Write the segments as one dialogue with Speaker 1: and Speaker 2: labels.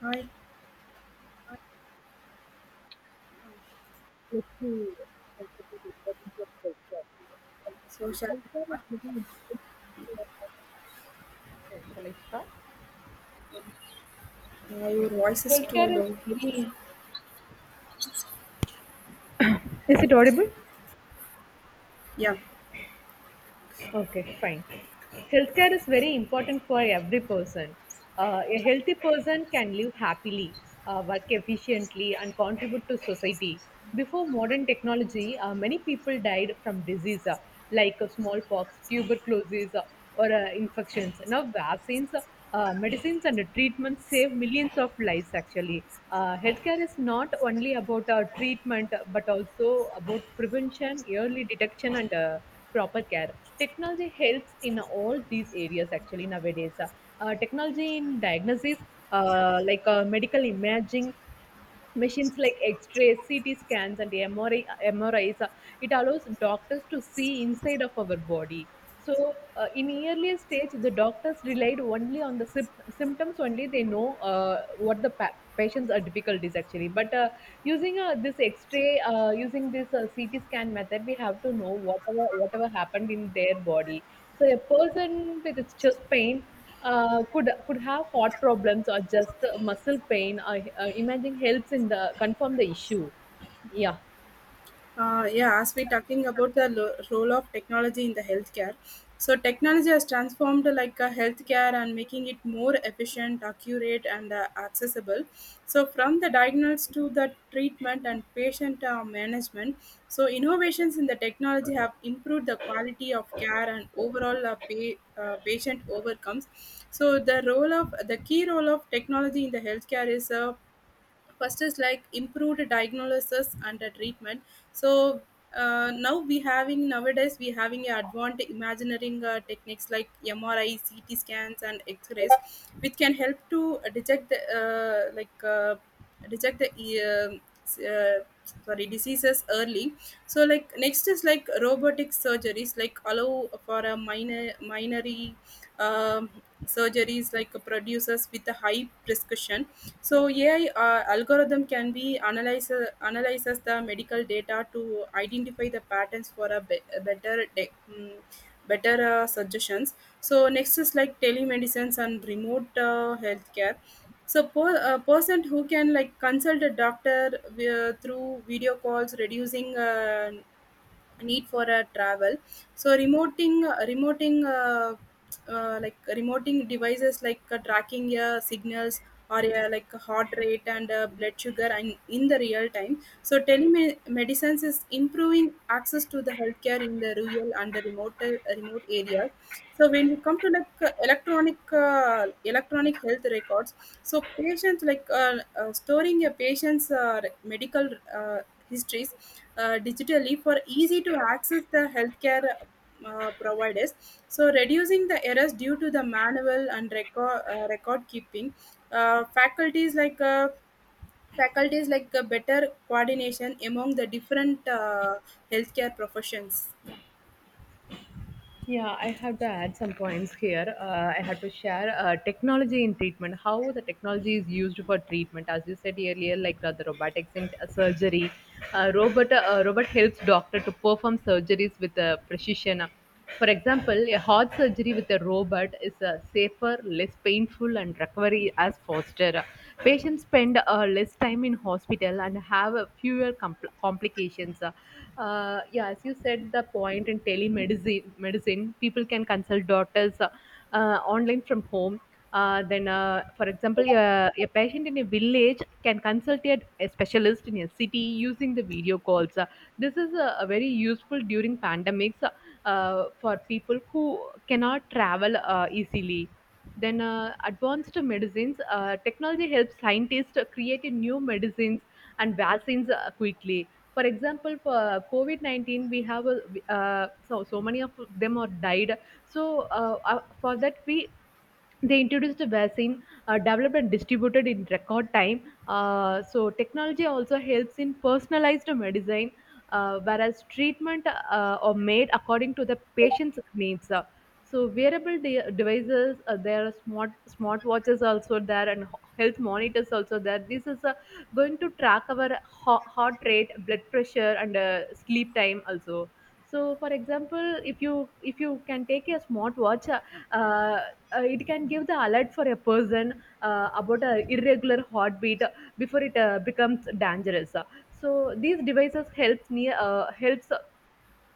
Speaker 1: Hi,
Speaker 2: Yes, we consider it that is a healthcare.
Speaker 1: social.
Speaker 2: Is very important. Okay, shall I start?
Speaker 1: Your
Speaker 2: Yeah.
Speaker 1: voice is too
Speaker 2: Healthcare is
Speaker 1: low.
Speaker 2: very Is it audible?
Speaker 1: Yeah,
Speaker 2: Okay, fine. Healthcare is very important for every person. A healthy person can live happily, work efficiently, and contribute to society. Before modern technology, many people died from disease, like smallpox, tuberculosis, or infections. Now, vaccines, medicines, and treatments save millions of lives actually. Healthcare is not only about treatment, but also about prevention, early detection, and proper care. Technology helps in all these areas actually nowadays. Technology in diagnosis, like medical imaging, machines like x-rays, ct scans and MRI, mris, it allows doctors to see inside of our body. So in earlier stage, the doctors relied only on the symptoms only. They know what the patients are difficulties actually, but using this X-ray, using this CT scan method, we have to know whatever happened in their body. So a person with its chest pain could have heart problems or just muscle pain. Imaging helps in the confirm the issue. Yeah.
Speaker 1: yeah. As we talking about the role of technology in the healthcare, so technology has transformed like a healthcare and making it more efficient, accurate, and accessible. So from the diagnosis to the treatment and patient management, so innovations in the technology have improved the quality of care and overall patient overcomes. So the key role of technology in the healthcare is first is like improved diagnosis and the treatment. So nowadays we having a advanced imagineering techniques like MRI, CT scans, and X-rays, which can help to detect the uh, s- uh, sorry diseases early. So like next is like robotic surgeries like allow for a minor minory um, surgeries like producers with a high prescription. So AI algorithm can be analyzes the medical data to identify the patterns for a better suggestions. So next is like telemedicines and remote healthcare. So a person who can like consult a doctor through video calls, reducing need for a travel. So remoting remoting like remoting devices like tracking your signals, or your like heart rate and blood sugar and in the real time. So telemedicine is improving access to the healthcare in the rural and the remote areas. So when we come to like electronic health records, so patients like storing a patient's medical uh, histories digitally for easy to access the healthcare providers. So reducing the errors due to the manual and record keeping. Uh, faculties like uh, Faculties like the better coordination among the different healthcare professions.
Speaker 2: Yeah, I have to add some points here. I had to share technology in treatment, how the technology is used for treatment. As you said earlier, like the robotics in surgery, robot helps doctor to perform surgeries with precision. For example, a heart surgery with a robot is safer, less painful, and recovery as faster. Patients spend less time in hospital and have fewer complications. Yeah, as you said, the point in telemedicine, medicine, people can consult doctors online from home. Then, for example, a patient in a village can consult a specialist in a city using the video calls. This is a very useful during pandemics for people who cannot travel easily. Then, advanced medicines, technology helps scientists create a new medicines and vaccines quickly. For example, for COVID 19, we have so many of them are died. So for that, we they introduced a vaccine developed and distributed in record time. So technology also helps in personalized medicine, whereas treatment are made according to the patient's needs. So wearable devices, there are smart watches also there and health monitors also there. This is going to track our heart rate, blood pressure, and sleep time also. So for example, if you can take a smartwatch, uh, it can give the alert for a person about a irregular heartbeat before it becomes dangerous. So these devices helps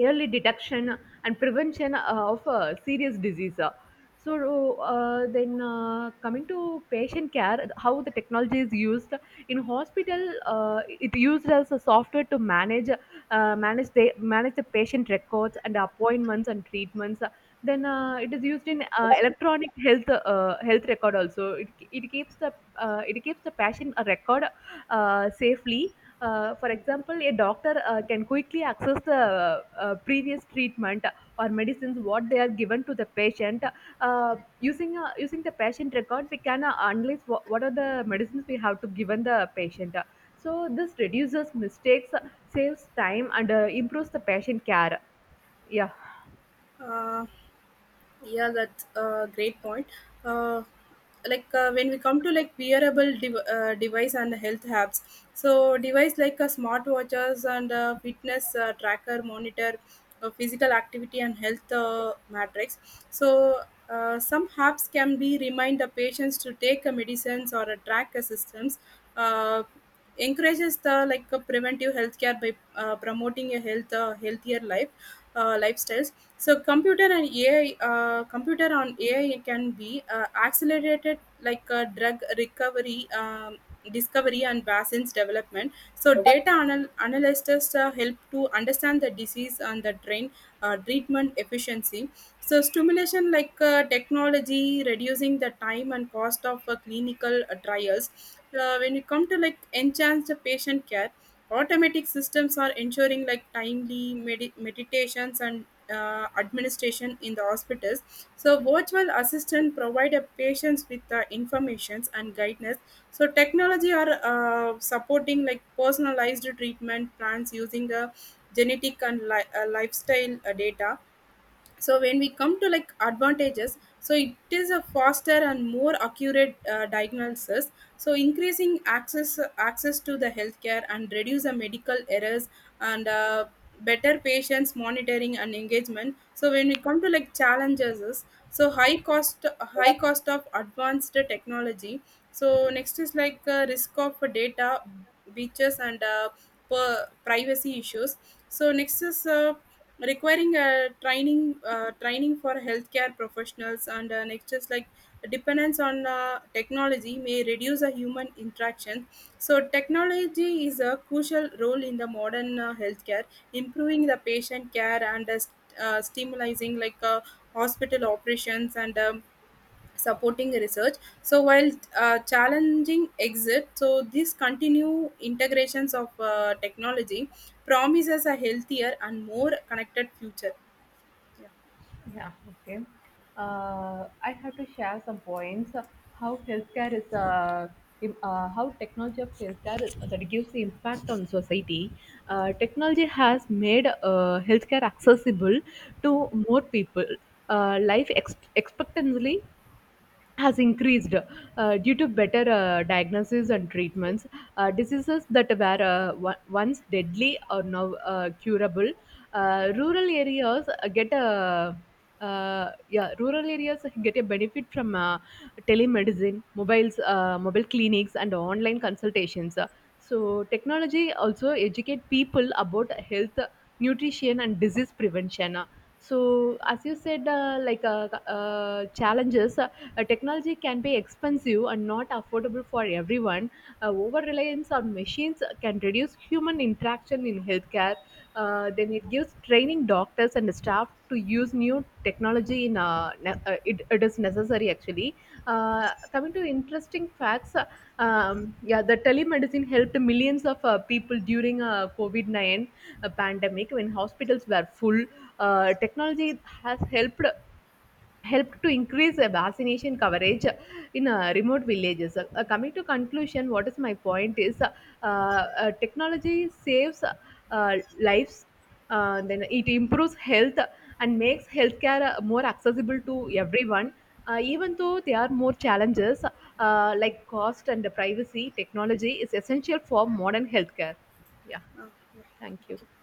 Speaker 2: early detection and prevention of serious disease. So then coming to patient care, how the technology is used in hospital, it used as a software to manage manage the patient records and appointments and treatments. Then it is used in electronic health health record also. It keeps the it keeps the patient a record safely. For example, a doctor can quickly access the previous treatment or medicines what they are given to the patient. Using the patient record, we can analyze what are the medicines we have to given the patient. So this reduces mistakes, saves time, and improves the patient care. Yeah.
Speaker 1: Uh, yeah, that's a great point. Uh, like when we come to like wearable device and health apps, so device like smartwatches and fitness tracker monitor physical activity and health matrix. So some apps can be remind the patients to take medicines or track systems. Uh, Encourages the like preventive healthcare by promoting a healthier lifestyles. So computer and AI computer on AI can be accelerated like drug recovery discovery and vaccines development. So data analysts help to understand the disease and the train treatment efficiency. So stimulation like technology, reducing the time and cost of clinical trials. When you come to like enhance the patient care, automatic systems are ensuring like timely meditations and administration in the hospitals. So virtual assistant provide a patients with the informations and guidance. So technology are supporting like personalized treatment plans using the genetic and lifestyle data. So when we come to like advantages, so it is a faster and more accurate diagnosis, so increasing access to the healthcare and reduce the medical errors, and better patients monitoring and engagement. So when we come to like challenges is, so high cost of advanced technology. So next is like risk of data breaches and per privacy issues. So next is requiring a training for healthcare professionals, and nextures like dependence on technology may reduce a human interaction. So technology is a crucial role in the modern healthcare, improving the patient care and stimulating like hospital operations and supporting research. So while challenging exit, so these continue integrations of technology promises a healthier and more connected future. Yeah.
Speaker 2: Yeah, okay. I have to share some points how healthcare is how technology of healthcare is, that gives the impact on society. Technology has made healthcare accessible to more people. Life expectantly has increased due to better diagnosis and treatments. Diseases that were once deadly are now curable. Rural areas get a yeah, rural areas get a benefit from telemedicine, mobiles, mobile clinics, and online consultations. So technology also educate people about health, nutrition, and disease prevention. So as you said, challenges. Technology can be expensive and not affordable for everyone. Over reliance on machines can reduce human interaction in healthcare. Then it gives training doctors and staff to use new technology in it is necessary actually. Coming to interesting facts, yeah, the telemedicine helped millions of people during COVID 9 pandemic when hospitals were full. Technology has helped to increase vaccination coverage in remote villages. Coming to conclusion, what is my point is technology saves lives, then it improves health and makes healthcare more accessible to everyone. Even though there are more challenges like cost and privacy, technology is essential for modern healthcare. Yeah,
Speaker 1: Uh,
Speaker 2: thank you.
Speaker 1: yeah.